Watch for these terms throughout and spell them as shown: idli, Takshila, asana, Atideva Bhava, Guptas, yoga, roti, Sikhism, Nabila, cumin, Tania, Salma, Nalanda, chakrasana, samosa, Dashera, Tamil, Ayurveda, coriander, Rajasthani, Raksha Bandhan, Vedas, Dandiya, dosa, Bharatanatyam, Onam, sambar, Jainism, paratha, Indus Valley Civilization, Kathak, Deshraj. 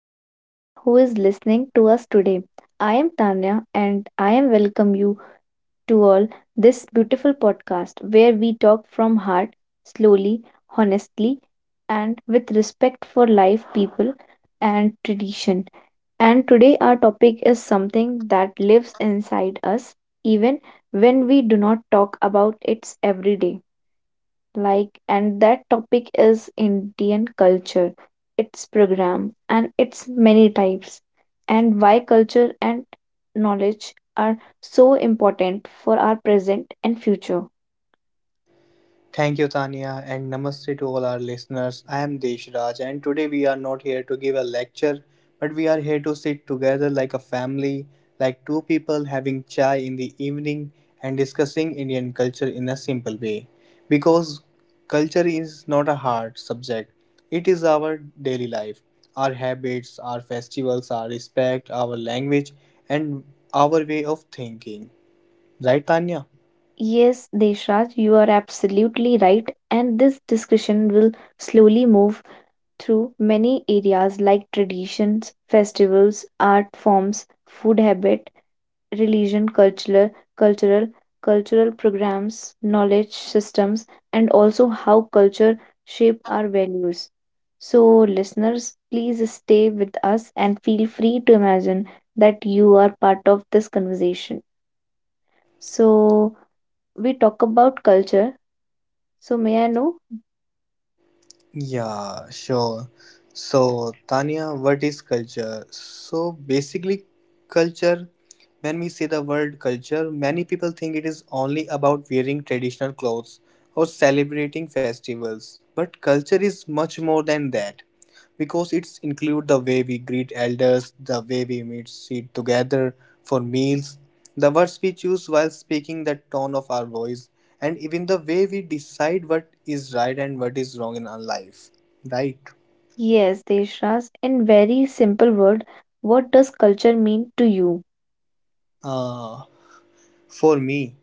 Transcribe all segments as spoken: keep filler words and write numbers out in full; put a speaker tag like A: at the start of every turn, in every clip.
A: to everyone who is listening to us today. I am Tanya and I am welcome you to all this beautiful podcast where we talk from heart, slowly, honestly and with respect for life, people and tradition. And today our topic is something that lives inside us even when we do not talk about it every day, like, and that topic is Indian culture, its program and its many types, and why culture and knowledge are so important for our present and future.
B: Thank you, Tania, and namaste to all our listeners. I am Deshraj, and today we are not here to give a lecture, but we are here to sit together like a family, like two people having chai in the evening and discussing Indian culture in a simple way. Because culture is not a hard subject, it is our daily life, our habits, our festivals, our respect, our language, and our way of thinking. Right, Tanya?
A: Yes, Deshraj, you are absolutely right, and this discussion will slowly move through many areas like traditions, festivals, art forms, food habits, religion, cultural, cultural, cultural programs, knowledge systems, and also how culture shape our values. So, listeners, please stay with us and feel free to imagine that you are part of this conversation. So, we talk about culture. So, may I know?
B: Yeah, sure. So, Tanya, what is culture? So, basically, culture, when we say the word culture, many people think it is only about wearing traditional clothes or celebrating festivals. But culture is much more than that because it's include the way we greet elders, the way we meet sit together for meals, the words we choose while speaking, the tone of our voice, and even the way we decide what is right and what is wrong in our life. Right?
A: Yes, Deshraj, in very simple word, what does culture mean to you?
B: Uh, for me,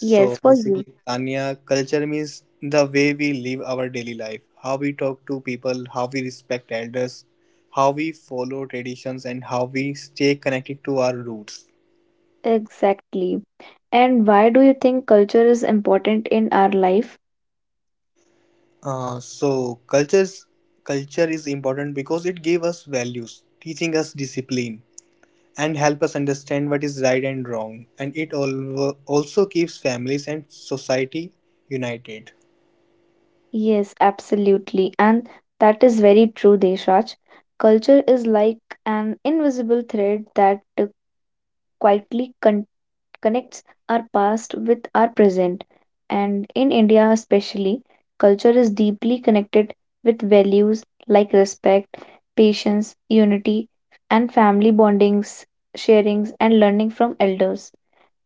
A: Yes, for you.
B: basically, Tanya, culture means the way we live our daily life, how we talk to people, how we respect elders, how we follow traditions, and how we stay connected to our roots.
A: Exactly. And why do you think culture is important in our life?
B: Uh, so cultures culture is important because it gave us values, teaching us discipline and help us understand what is right and wrong, and it al- also keeps families and society united.
A: Yes, absolutely. And that is very true, Deshraj. Culture is like an invisible thread that uh, quietly con- connects our past with our present. And in India, especially, culture is deeply connected with values like respect, patience, unity, and family bondings, sharings, and learning from elders.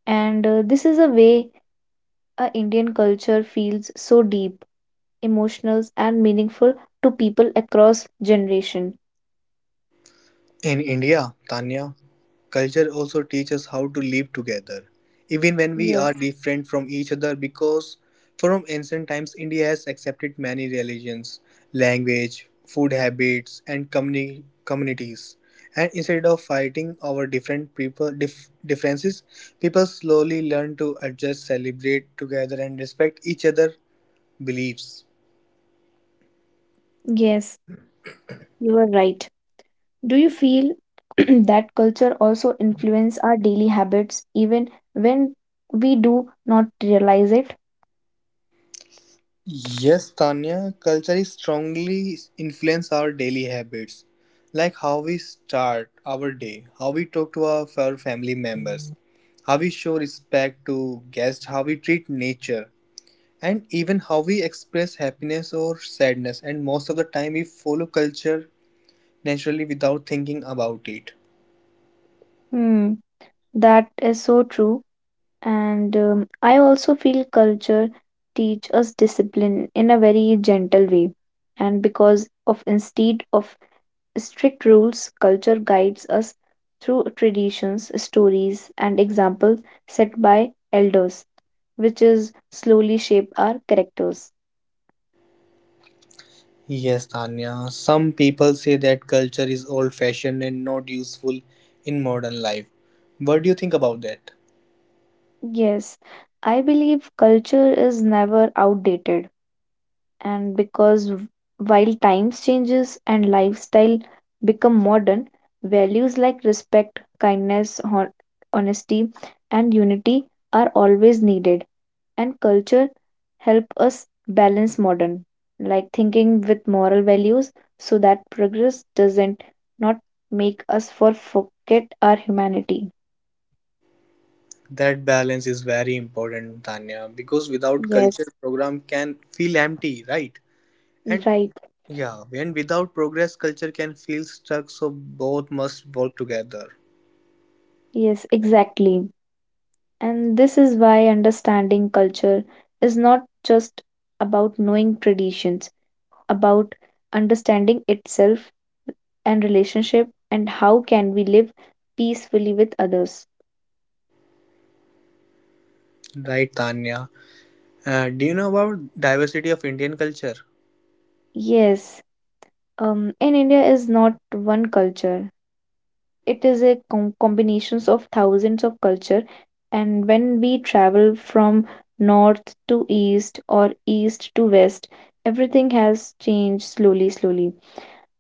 A: And uh, this is a way uh, Indian culture feels so deep, emotional, and meaningful to people across generation.
B: In India, Tanya, culture also teaches how to live together, even when we
A: Yes,
B: are different from each other, because from ancient times, India has accepted many religions, language, food habits, and communi- communities. And instead of fighting our different people dif- differences, people slowly learn to adjust, celebrate together, and respect each other's beliefs.
A: Yes, you are right. Do you feel that culture also influence our daily habits even when we do not realize it?
B: Yes, Tanya, culture is strongly influence our daily habits, like how we start our day, how we talk to our, our family members, how we show respect to guests, how we treat nature, and even how we express happiness or sadness. And most of the time, we follow culture naturally without thinking about it.
A: Hmm, that is so true. And um, I also feel culture teach us discipline in a very gentle way. And because of instead of strict rules, culture guides us through traditions, stories, and examples set by elders, which is slowly shape our characters.
B: Yes, Tanya, some people say that culture is old fashioned and not useful in modern life. What do you think about that?
A: Yes, I believe culture is never outdated, and because w- while times changes and lifestyle become modern, values like respect, kindness, hon- honesty, and unity are always needed and culture help us balance modern like thinking with moral values so that progress doesn't not make us for forget our humanity.
B: That balance is very important, Tanya, because without culture,
A: Yes,
B: program can feel empty, right? And
A: right.
B: yeah, when without progress, culture can feel stuck. So both must work together,
A: Yes, exactly. And this is why understanding culture is not just about knowing traditions, about understanding itself and relationship, and how can we live peacefully with others.
B: right, Tanya? Uh, do you know about diversity of Indian culture?
A: Yes. Um, in India is not one culture. It is a com- combinations of thousands of culture, and when we travel from north to east or east to west, everything has changed slowly, slowly,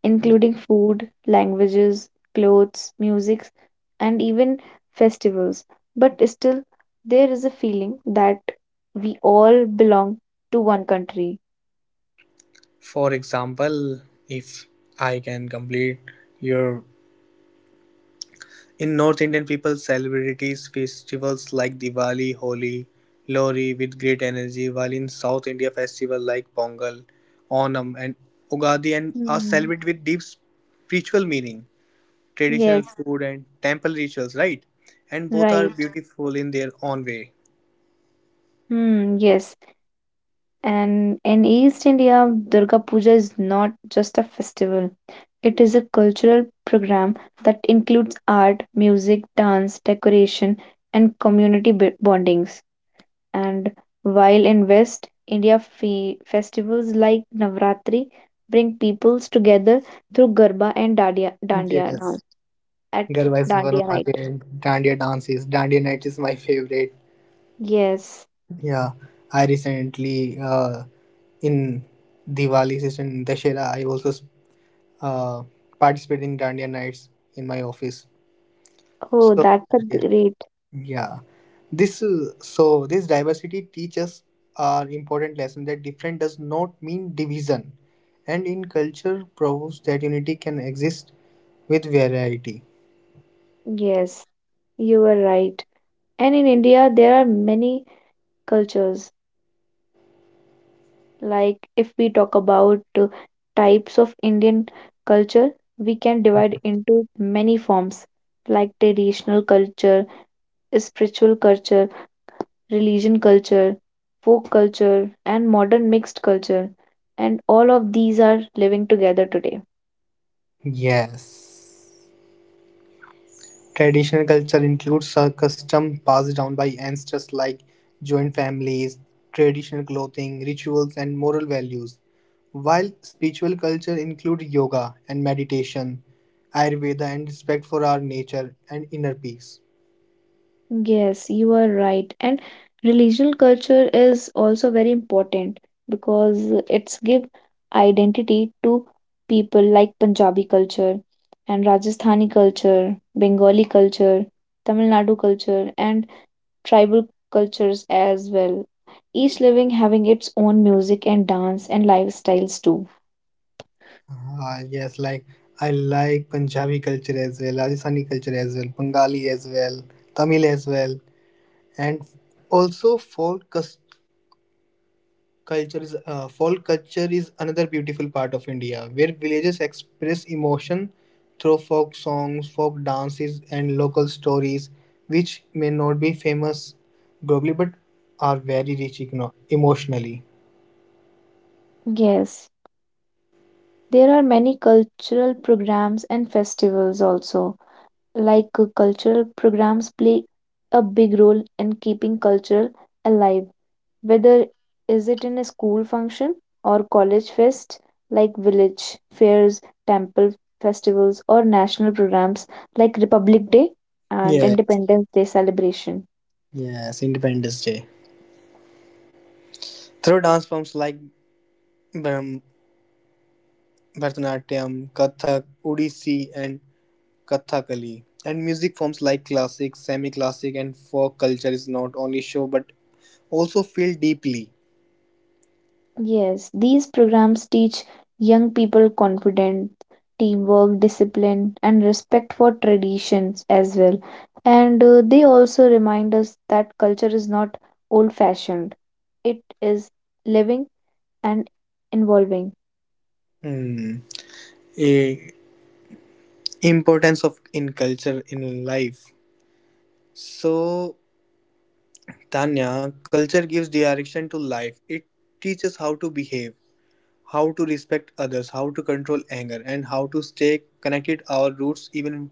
A: including food, languages, clothes, music, and even festivals. But still, there is a feeling that we all belong to one country.
B: For example, if I can complete your In North Indian people celebrate festivals like Diwali, Holi, Lohri with great energy, while in South India festivals like Pongal, Onam and Ugadi and are
A: Hmm.
B: celebrated with deep spiritual meaning, traditional
A: Yes,
B: food and temple rituals, right? And both are
A: right.
B: beautiful in their own way.
A: Hmm, yes. And in East India, Durga Puja is not just a festival, it is a cultural program that includes art, music, dance, decoration, and community b- bondings. And while in West India, fe- festivals like Navratri bring peoples together through Garba and Dandiya, dandiya
B: Yes,
A: dance at
B: Garba is one
A: Dandiya
B: of my
A: night.
B: favorite Dandiya dances. Dandiya night is my favorite.
A: Yes.
B: Yeah, I recently uh, in Diwali season in Dashera, I also s- uh, participate in Dandiya nights in my office.
A: Oh,
B: So
A: that's a
B: yeah,
A: great.
B: yeah. This uh, so this diversity teaches our important lesson that different does not mean division, and in culture proves that unity can exist with variety.
A: Yes, you were right. And in India, there are many cultures. Like if we talk about uh, types of Indian culture, we can divide into many forms like traditional culture, spiritual culture, religion culture, folk culture, and modern mixed culture. And all of these are living together today.
B: Yes. Traditional culture includes a custom passed down by ancestors like joint families, traditional clothing, rituals, and moral values. While spiritual culture includes yoga and meditation, Ayurveda and respect for our nature and inner peace.
A: Yes, you are right. And relational culture is also very important because it's give identity to people like Punjabi culture and Rajasthani culture, Bengali culture, Tamil Nadu culture, and tribal cultures as well. Each living having its own music and dance and lifestyles too.
B: Ah, yes, like I like Punjabi culture as well, Rajasthani culture as well, Bengali as well, Tamil as well, and also folk cus- culture is uh, folk culture is another beautiful part of India where villages express emotion through folk songs, folk dances, and local stories, which may not be famous globally but are very rich igno- emotionally.
A: Yes, there are many cultural programs and festivals also, like uh, cultural programs play a big role in keeping culture alive, whether is it in a school function or college fest, like village fairs, temple festivals, or national programs like Republic Day and
B: Yes,
A: Independence Day celebration.
B: yes, Independence Day. Through dance forms like Bharam- Bharatanatyam, Kathak, Odissi, and Kathakali, and music forms like classic, semi classic, and folk culture is not only show but also feel deeply.
A: Yes, these programs teach young people confidence, teamwork, discipline, and respect for traditions as well. And uh, they also remind us that culture is not old fashioned, it is living and evolving.
B: Hmm. Eh, importance of in culture in life. So, Tanya, culture gives direction to life. It teaches how to behave, how to respect others, how to control anger, and how to stay connected our roots even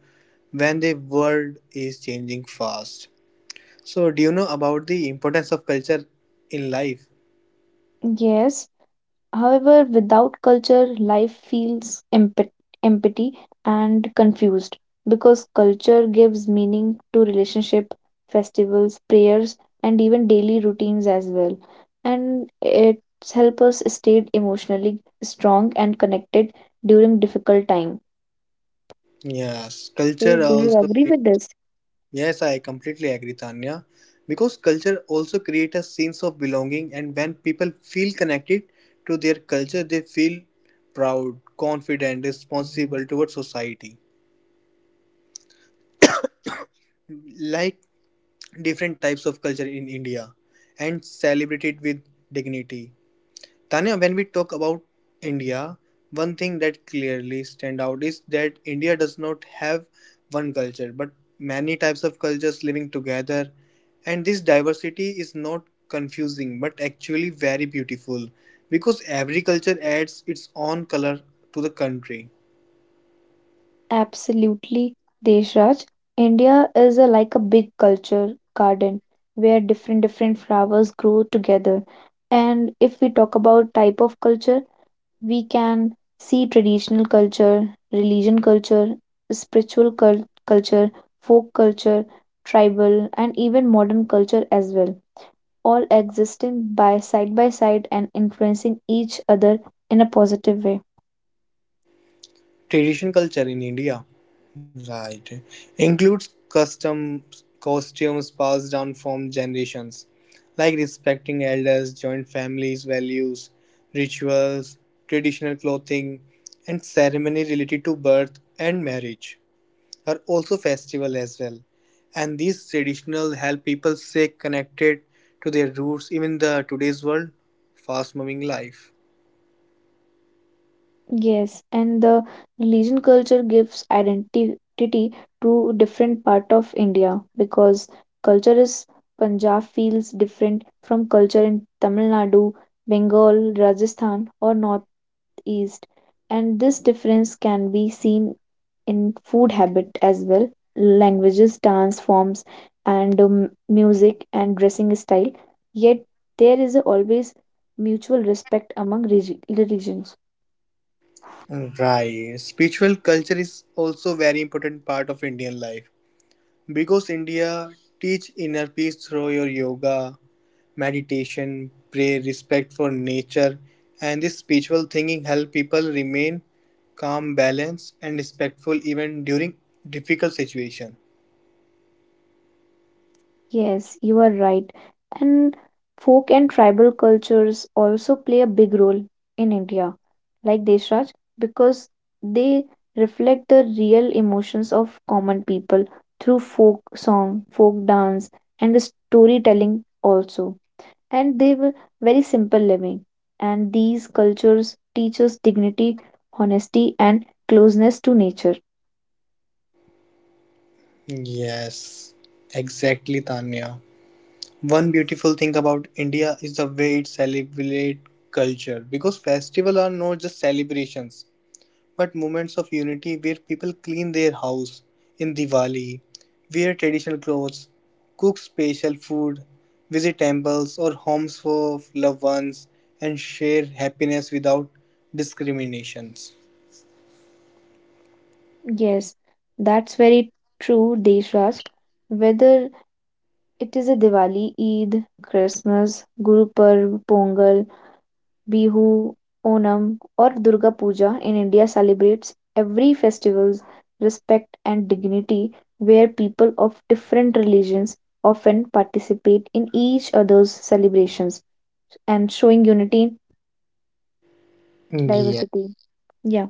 B: when the world is changing fast. So, do you know about the importance of culture in life?
A: Yes, however, without culture, life feels empty, empty and confused because culture gives meaning to relationship, festivals, prayers, and even daily routines as well. And it helps us stay emotionally strong and connected during difficult time.
B: Yes,
A: So,
B: culture
A: do you
B: also.
A: agree with this?
B: Yes, I completely agree, Tanya. Because culture also creates a sense of belonging, and when people feel connected to their culture, they feel proud, confident, responsible towards society. Like different types of culture in India, and celebrate it with dignity. Tanya, when we talk about India, one thing that clearly stand out is that India does not have one culture, but many types of cultures living together. And this diversity is not confusing, but actually very beautiful because every culture adds its own color to the country.
A: Absolutely, Deshraj. India is a, like a big culture garden where different different flowers grow together. And if we talk about type of culture, we can see traditional culture, religion culture, spiritual cul- culture, folk culture, tribal, and even modern culture as well, all existing by side by side and influencing each other in a positive way.
B: Tradition culture in India, right, includes customs, costumes passed down from generations, like respecting elders, joint families, values, rituals, traditional clothing, and ceremony related to birth and marriage are also festival as well. And these traditional help people stay connected to their roots, even the today's world, fast moving life.
A: Yes, and the religion culture gives identity to different part of India because culture is Punjab feels different from culture in Tamil Nadu, Bengal, Rajasthan, or Northeast. And this difference can be seen in food habit as well, languages, dance forms, and um, music and dressing style. Yet there is always mutual respect among regi- religions.
B: Right. Spiritual culture is also very important part of Indian life because India teach inner peace through your yoga, meditation, prayer, respect for nature, and this spiritual thinking help people remain calm, balanced, and respectful even during difficult situation.
A: Yes, you are right. And folk and tribal cultures also play a big role in India, like Deshraj, because they reflect the real emotions of common people through folk song, folk dance, and storytelling also. And they were very simple living. And these cultures teach us dignity, honesty, and closeness to nature.
B: Yes, exactly, Tanya. One beautiful thing about India is the way it celebrate culture because festival are not just celebrations, but moments of unity where people clean their house in Diwali, wear traditional clothes, cook special food, visit temples or homes for loved ones, and share happiness without discriminations.
A: Yes, that's very true, Deshraj. Whether It is a Diwali, Eid, Christmas, Guru Parv, Pongal, Bihu, Onam, or Durga Puja, in India celebrates every festival's respect and dignity where people of different religions often participate in each other's celebrations and showing unity in
B: Yeah.
A: diversity. Yeah,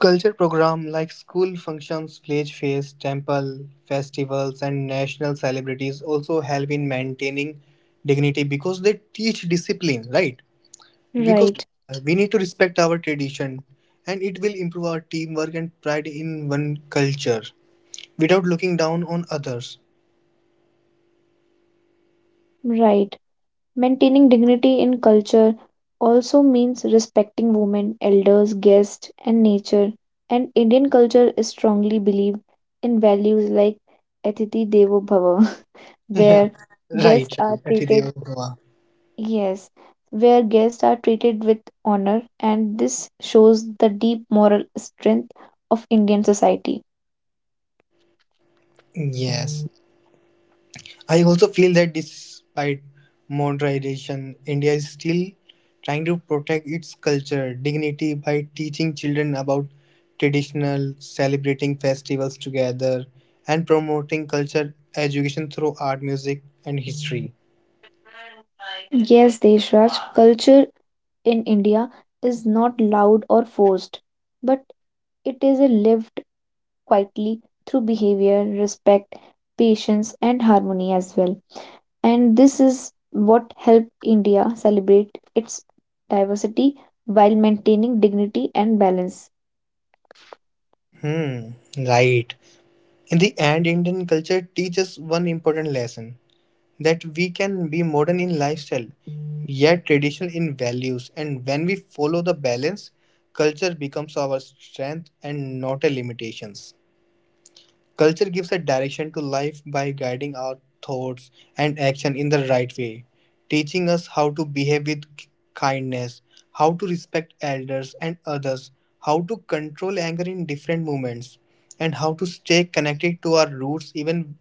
B: Culture program like school functions, village fairs, temple festivals, and national celebrities also help in maintaining dignity because they teach discipline, right? Because
A: right,
B: uh, we need to respect our tradition and it will improve our teamwork and pride in one culture without looking down on others.
A: right. Maintaining dignity in culture also means respecting women, elders, guests, and nature. And Indian culture is strongly believed in values like "Atithi Devo Bhava,"
B: Yeah,
A: where guests
B: right
A: are
B: right
A: treated,
B: Atideva Bhava.
A: yes, where guests are treated with honor, and this shows the deep moral strength of Indian society.
B: Yes, I also feel that despite modernization, India is still trying to protect its culture dignity by teaching children about traditional celebrating festivals together and promoting culture education through art, music and history.
A: Yes, Deshraj, culture in India is not loud or forced, but it is a lived quietly through behavior, respect, patience, and harmony as well. And this is what helped India celebrate its diversity while maintaining dignity and balance.
B: Hmm, right. In the end, Indian culture teaches one important lesson that we can be modern in lifestyle, yet traditional in values. And when we follow the balance, culture becomes our strength and not a limitations. Culture gives a direction to life by guiding our thoughts and action in the right way, teaching us how to behave with k- kindness, how to respect elders and others, how to control anger in different moments, and how to stay connected to our roots even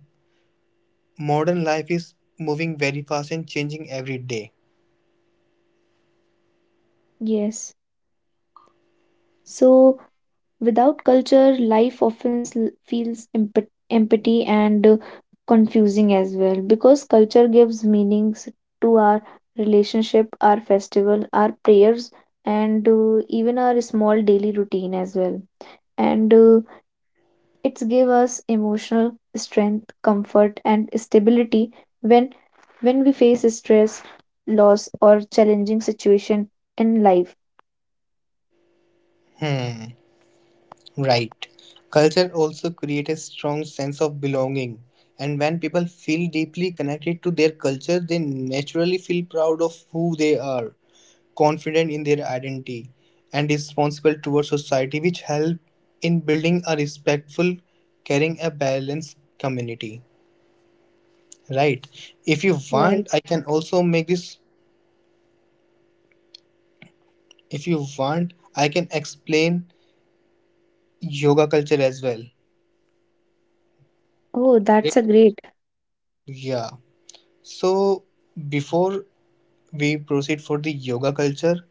B: modern life is moving very fast and changing every day.
A: Yes. So, without culture, life often s- feels empty, empty and uh, confusing as well because culture gives meanings to our relationship, our festival, our prayers, and uh, even our small daily routine as well. And uh, It's give us emotional strength, comfort and stability when when we face stress, loss or challenging situation in life.
B: Hmm. Right. Culture also creates a strong sense of belonging. And when people feel deeply connected to their culture, they naturally feel proud of who they are, confident in their identity, and responsible towards society, which help in building a respectful, caring, a balanced community. Right. If you
A: Right.
B: want, I can also make this. If you want, I can explain yoga culture as well.
A: Oh, that's a great.
B: Yeah. So before we proceed for the yoga culture.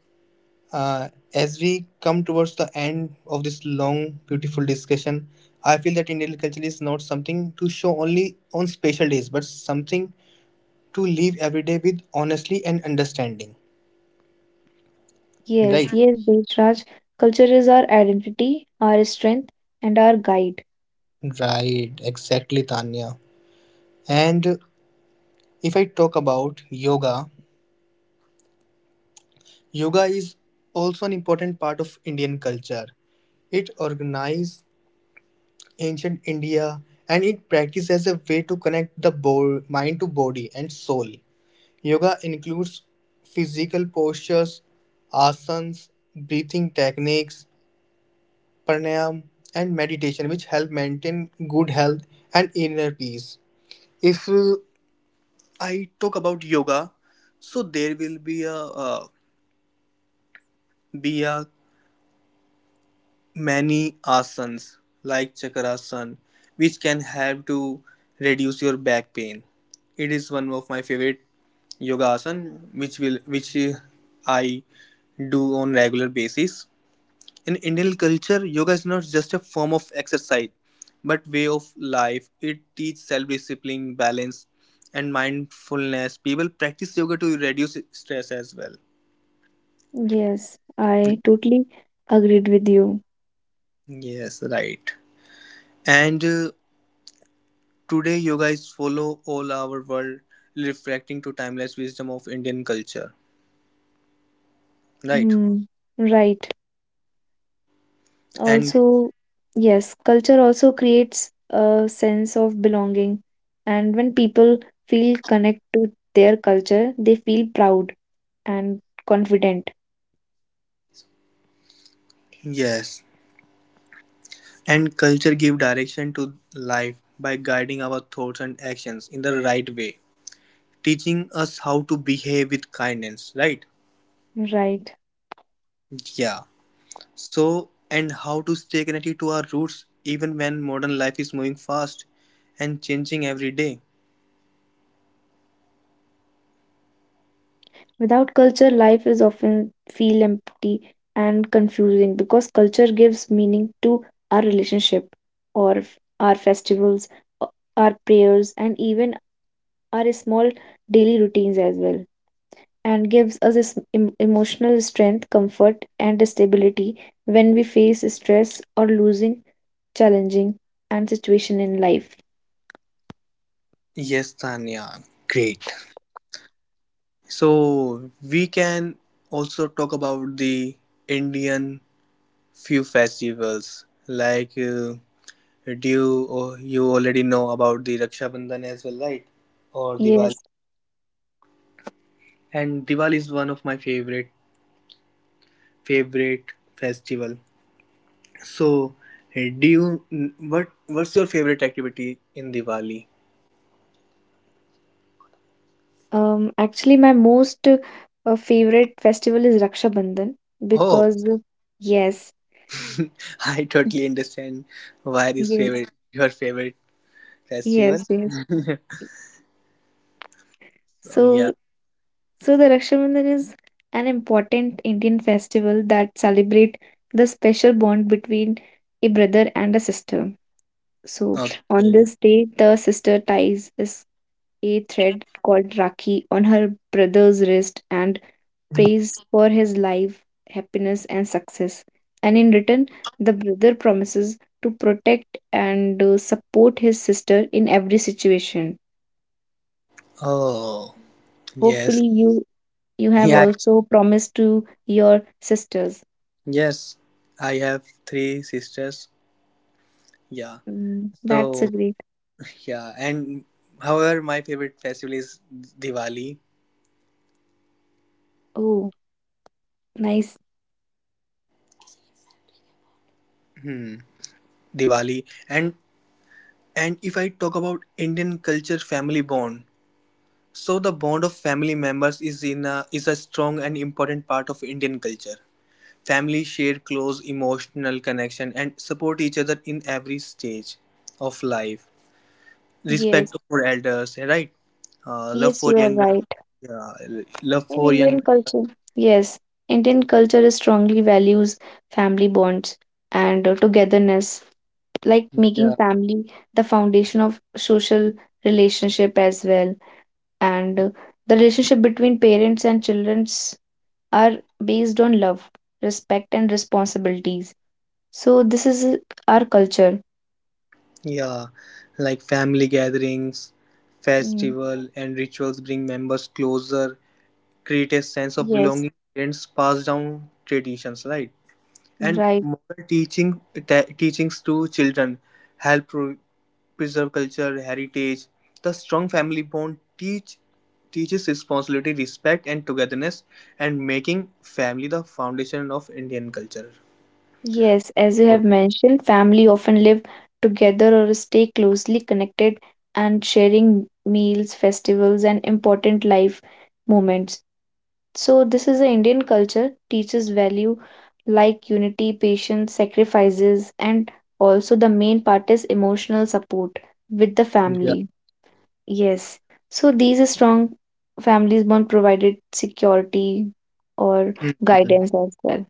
B: Uh, as we come towards the end of this long, beautiful discussion, I feel that Indian culture is not something to show only on special days, but something to live every day with honestly and understanding.
A: Yes,
B: Right?
A: yes, Raj. Culture is our identity, our strength, and our guide.
B: Right, exactly, Tanya. And if I talk about yoga, yoga is also an important part of Indian culture. It organizes ancient India, and it practiced as a way to connect the bo- mind to body and soul. Yoga includes physical postures, asanas, breathing techniques, pranayam, and meditation, which help maintain good health and inner peace. If uh, I talk about yoga, so there will be a uh, be a many asanas like chakrasana which can help to reduce your back pain. It is one of my favorite yoga asana which will which uh, I do on regular basis. In Indian culture, yoga is not just a form of exercise but way of life. It teaches self discipline, balance and mindfulness. People practice yoga to reduce stress as well.
A: Yes, I totally agreed with you.
B: Yes, right. and uh, Today you guys follow all our world reflecting to timeless wisdom of Indian culture, right?
A: Hmm, right.
B: And
A: Also, yes, culture also creates a sense of belonging. And when people feel connect to their culture, they feel proud and confident.
B: yes, and culture give direction to life by guiding our thoughts and actions in the right way, teaching us how to behave with kindness, right?
A: Right.
B: Yeah. So and how to stay connected to our roots even when modern life is moving fast and changing every day.
A: Without culture, life is often feel empty and confusing because culture gives meaning to our relationship or f- our festivals, o- our prayers, and even our small daily routines as well. And gives us this em- emotional strength, comfort, and stability when we face stress or losing challenging and situation in life.
B: Yes, Tanya. Great. So we can also talk about the Indian few festivals like uh, do you, or you already know about the Raksha Bandhan as well, right? Or Diwali.
A: Yes,
B: And Diwali is one of my favorite favorite festival. So uh, do you n- what what's your favorite activity in Diwali?
A: um, actually, my most uh, uh, favorite festival is Raksha Bandhan
B: Oh,
A: because uh, yes,
B: I totally understand why this
A: yes,
B: favorite your favorite festival.
A: yes, yes.
B: So yeah,
A: So, so the Raksha Bandhan is an important Indian festival that celebrate the special bond between a brother and a sister. So on
B: okay.
A: this day, the sister ties is a thread called Rakhi on her brother's wrist and prays for his life, happiness, and success. And in return, the brother promises to protect and uh, support his sister in every situation.
B: Oh.
A: Hopefully,
B: Yes.
A: you you have
B: Yeah.
A: also promised to your sisters.
B: Yes. I have three sisters. Yeah.
A: Mm, that's a
B: So
A: great.
B: yeah, and however, my favorite festival is Diwali.
A: Oh, nice.
B: Hmm. Diwali. And and if I talk about Indian culture, family bond. So the bond of family members is in a, is a strong and important part of Indian culture. Families share close emotional connection and support each other in every stage of life,
A: Yes,
B: respect for elders, eh, right, uh, love
A: yes,
B: for
A: you are
B: younger,
A: right,
B: yeah, love
A: in
B: for
A: Indian
B: young,
A: culture. Yes, Indian culture is strongly values family bonds and uh, togetherness, like making
B: yeah,
A: family the foundation of social relationship as well. And uh, the relationship between parents and childrens are based on love, respect, and responsibilities. So this is uh, our culture.
B: yeah, like family gatherings,
A: Mm,
B: festival and rituals bring members closer, create a sense of
A: yes,
B: belonging and pass down traditions, right, and
A: right?
B: moral teaching, te- teachings to children, help pro- preserve culture, heritage. The strong family bond teach teaches responsibility, respect, and togetherness, and making family the foundation of Indian culture.
A: Yes, as you
B: So,
A: have mentioned, family often live together or stay closely connected and sharing meals, festivals, and important life moments. So, this is a Indian culture teaches value like unity, patience, sacrifices, and also the main part is emotional support with the
B: yeah.
A: family. Yes. So, these strong families bond provided security or
B: Mhm.
A: guidance as well.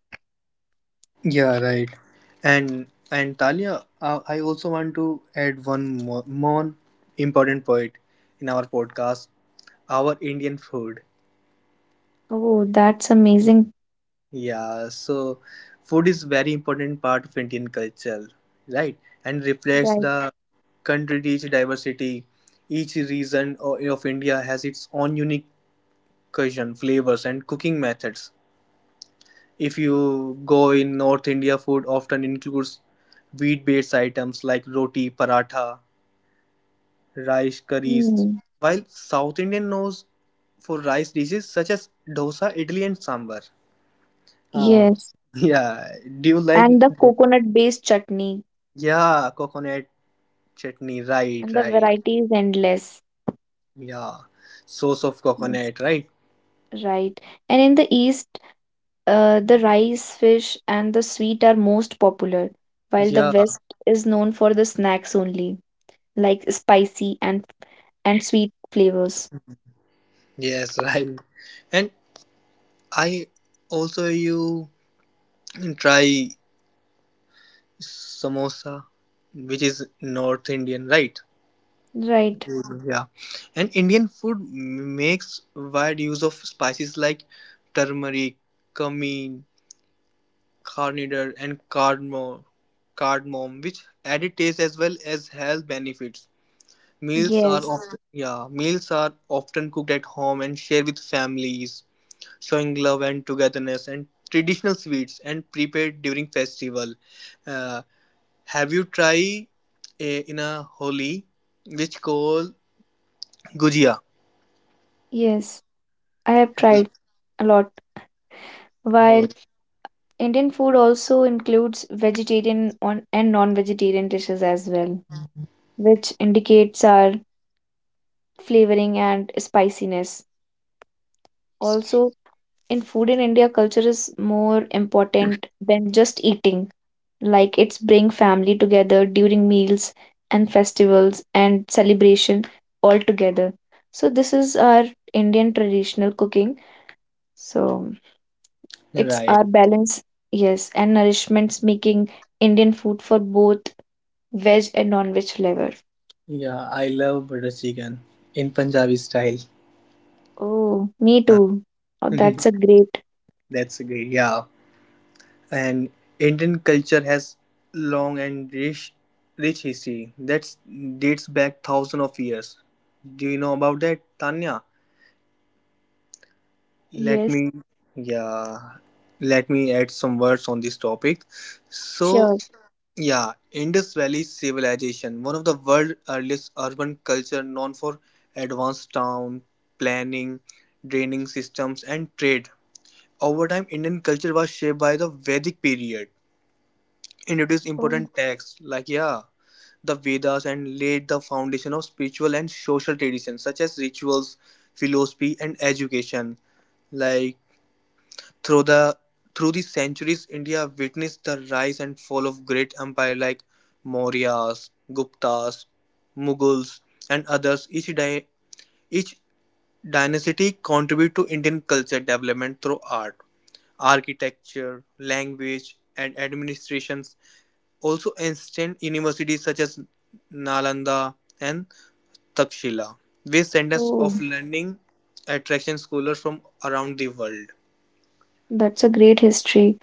B: Yeah, right. And and Talia, uh, I also want to add one more, more important point in our podcast: our Indian food.
A: Oh, that's amazing.
B: Yeah, so food is very important part of Indian culture, right? And reflects
A: Right.
B: the country's diversity. Each region o- of India has its own unique cuisine, flavors, and cooking methods. If you go in North India, food often includes wheat-based items like roti, paratha, rice, curries.
A: Mm,
B: While South Indian knows for rice dishes such as dosa, idli, and sambar. Uh,
A: yes,
B: yeah, do you like?
A: and the coconut-based chutney
B: Yeah, coconut chutney, right,
A: and the
B: right.
A: variety is endless.
B: Yeah, sauce of
A: Yes,
B: coconut, right?
A: right. And in the East, uh, the rice, fish, and the sweet are most popular, while the
B: Yeah,
A: West is known for the snacks only, like spicy and and sweet flavors.
B: yes, right. And I also you try samosa, which is North Indian, right?
A: Right.
B: Mhm. Yeah, and Indian food m- makes wide use of spices like turmeric, cumin, coriander, and cardamom, cardamom, which added taste as well as health benefits. Meals are. Yeah.
A: Yes.
B: Often yeah, meals are often cooked at home and shared with families, showing love and togetherness, and traditional sweets and prepared during festival. Uh, have you tried a, in a holi which called gujia?
A: Yes. I have
B: Have you-
A: tried a lot.
B: Oh,
A: While Indian food also includes vegetarian on and non-vegetarian dishes as well, which indicates our flavoring and spiciness. Also, in food in India, culture is more important than just eating. Like it's bring family together during meals and festivals and celebration all together. So this is our Indian traditional cooking. So it's our
B: right.
A: balance, yes, and nourishments making Indian food for both veg and non-veg flavor.
B: Yeah, I love butter chicken in Punjabi style.
A: Oh, me
B: Huh.
A: too. Oh, that's a great.
B: That's great. Yeah. And Indian culture has long and rich, rich history that dates back thousands of years. Do you know about that, Tanya? Let
A: Yes,
B: me, yeah, let me add some words on this topic. So,
A: sure.
B: yeah, Indus Valley Civilization, one of the world's earliest urban culture known for advanced town planning, draining systems, and trade. Over time, Indian culture was shaped by the Vedic period, introduced
A: Oh,
B: important texts like, yeah, the Vedas, and laid the foundation of spiritual and social traditions such as rituals, philosophy, and education. Like through the through the centuries, India witnessed the rise and fall of great empire like Mauryas, Guptas, Mughals, and others. Each di- each dynasty contribute to Indian culture development through art, architecture, language, and administrations, also ancient universities such as Nalanda and Takshila, were centers
A: oh.
B: of learning, attracting scholars from around the world.
A: That's a great history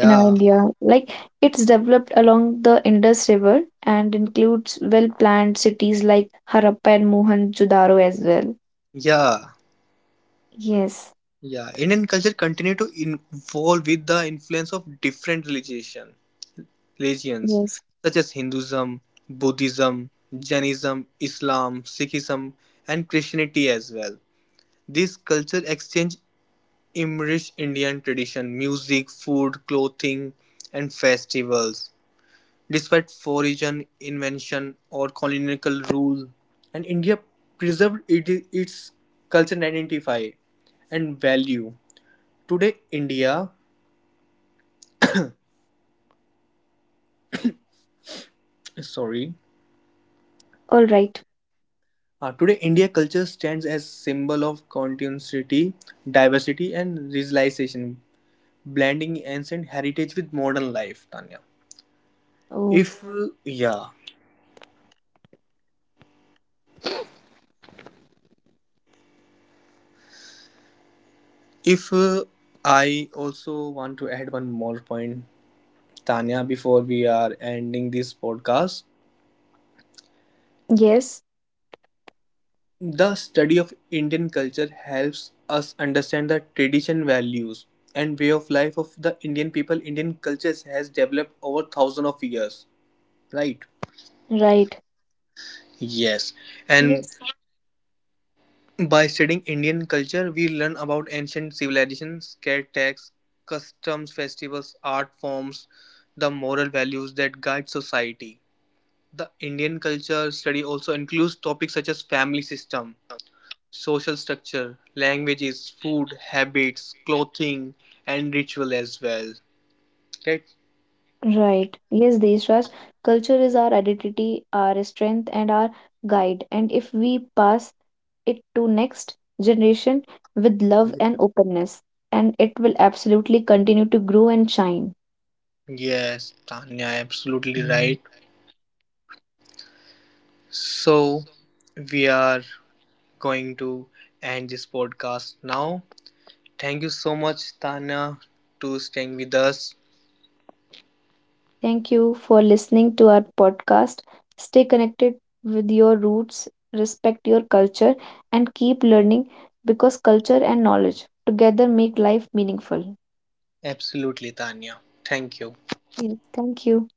A: in our India. Like it's developed along the Indus River and includes well-planned cities like Harappa and Mohenjo-daro as well.
B: yeah,
A: Yes,
B: yeah. Indian culture continued to evolve with the influence of different religion, religions
A: yes.
B: such as Hinduism, Buddhism, Jainism, Islam, Sikhism, and Christianity as well. This culture exchange in Indian tradition, music, food, clothing and festivals. Despite foreign invention or colonial rule, and India preserved it, its cultural identify and value. Today, India, sorry,
A: All right.
B: uh, today India culture stands as symbol of continuity, diversity, and realization, blending ancient heritage with modern life. Tanya,
A: Oh,
B: if yeah, if uh, I also want to add one more point, Tanya, before we are ending this podcast,
A: yes,
B: the study of Indian culture helps us understand the tradition, values, and way of life of the Indian people. Indian cultures has developed over thousands of years, right?
A: right.
B: Yes, and
A: Yes.
B: by studying Indian culture, we learn about ancient civilizations, caretaks, customs, festivals, art forms, the moral values that guide society. The Indian culture study also includes topics such as family system, social structure, languages, food, habits, clothing, and ritual as well. Right?
A: Right. Yes, Deshraj, culture is our identity, our strength, and our guide. And if we pass it to next generation with love and openness, and it will absolutely continue to grow and shine.
B: Yes, Tanya, absolutely right. So, we are going to end this podcast now. Thank you so much, Tanya, to staying with us.
A: Thank you for listening to our podcast. Stay connected with your roots, respect your culture, and keep learning because culture and knowledge together make life meaningful.
B: Absolutely, Tanya. Thank you.
A: Yes, thank you.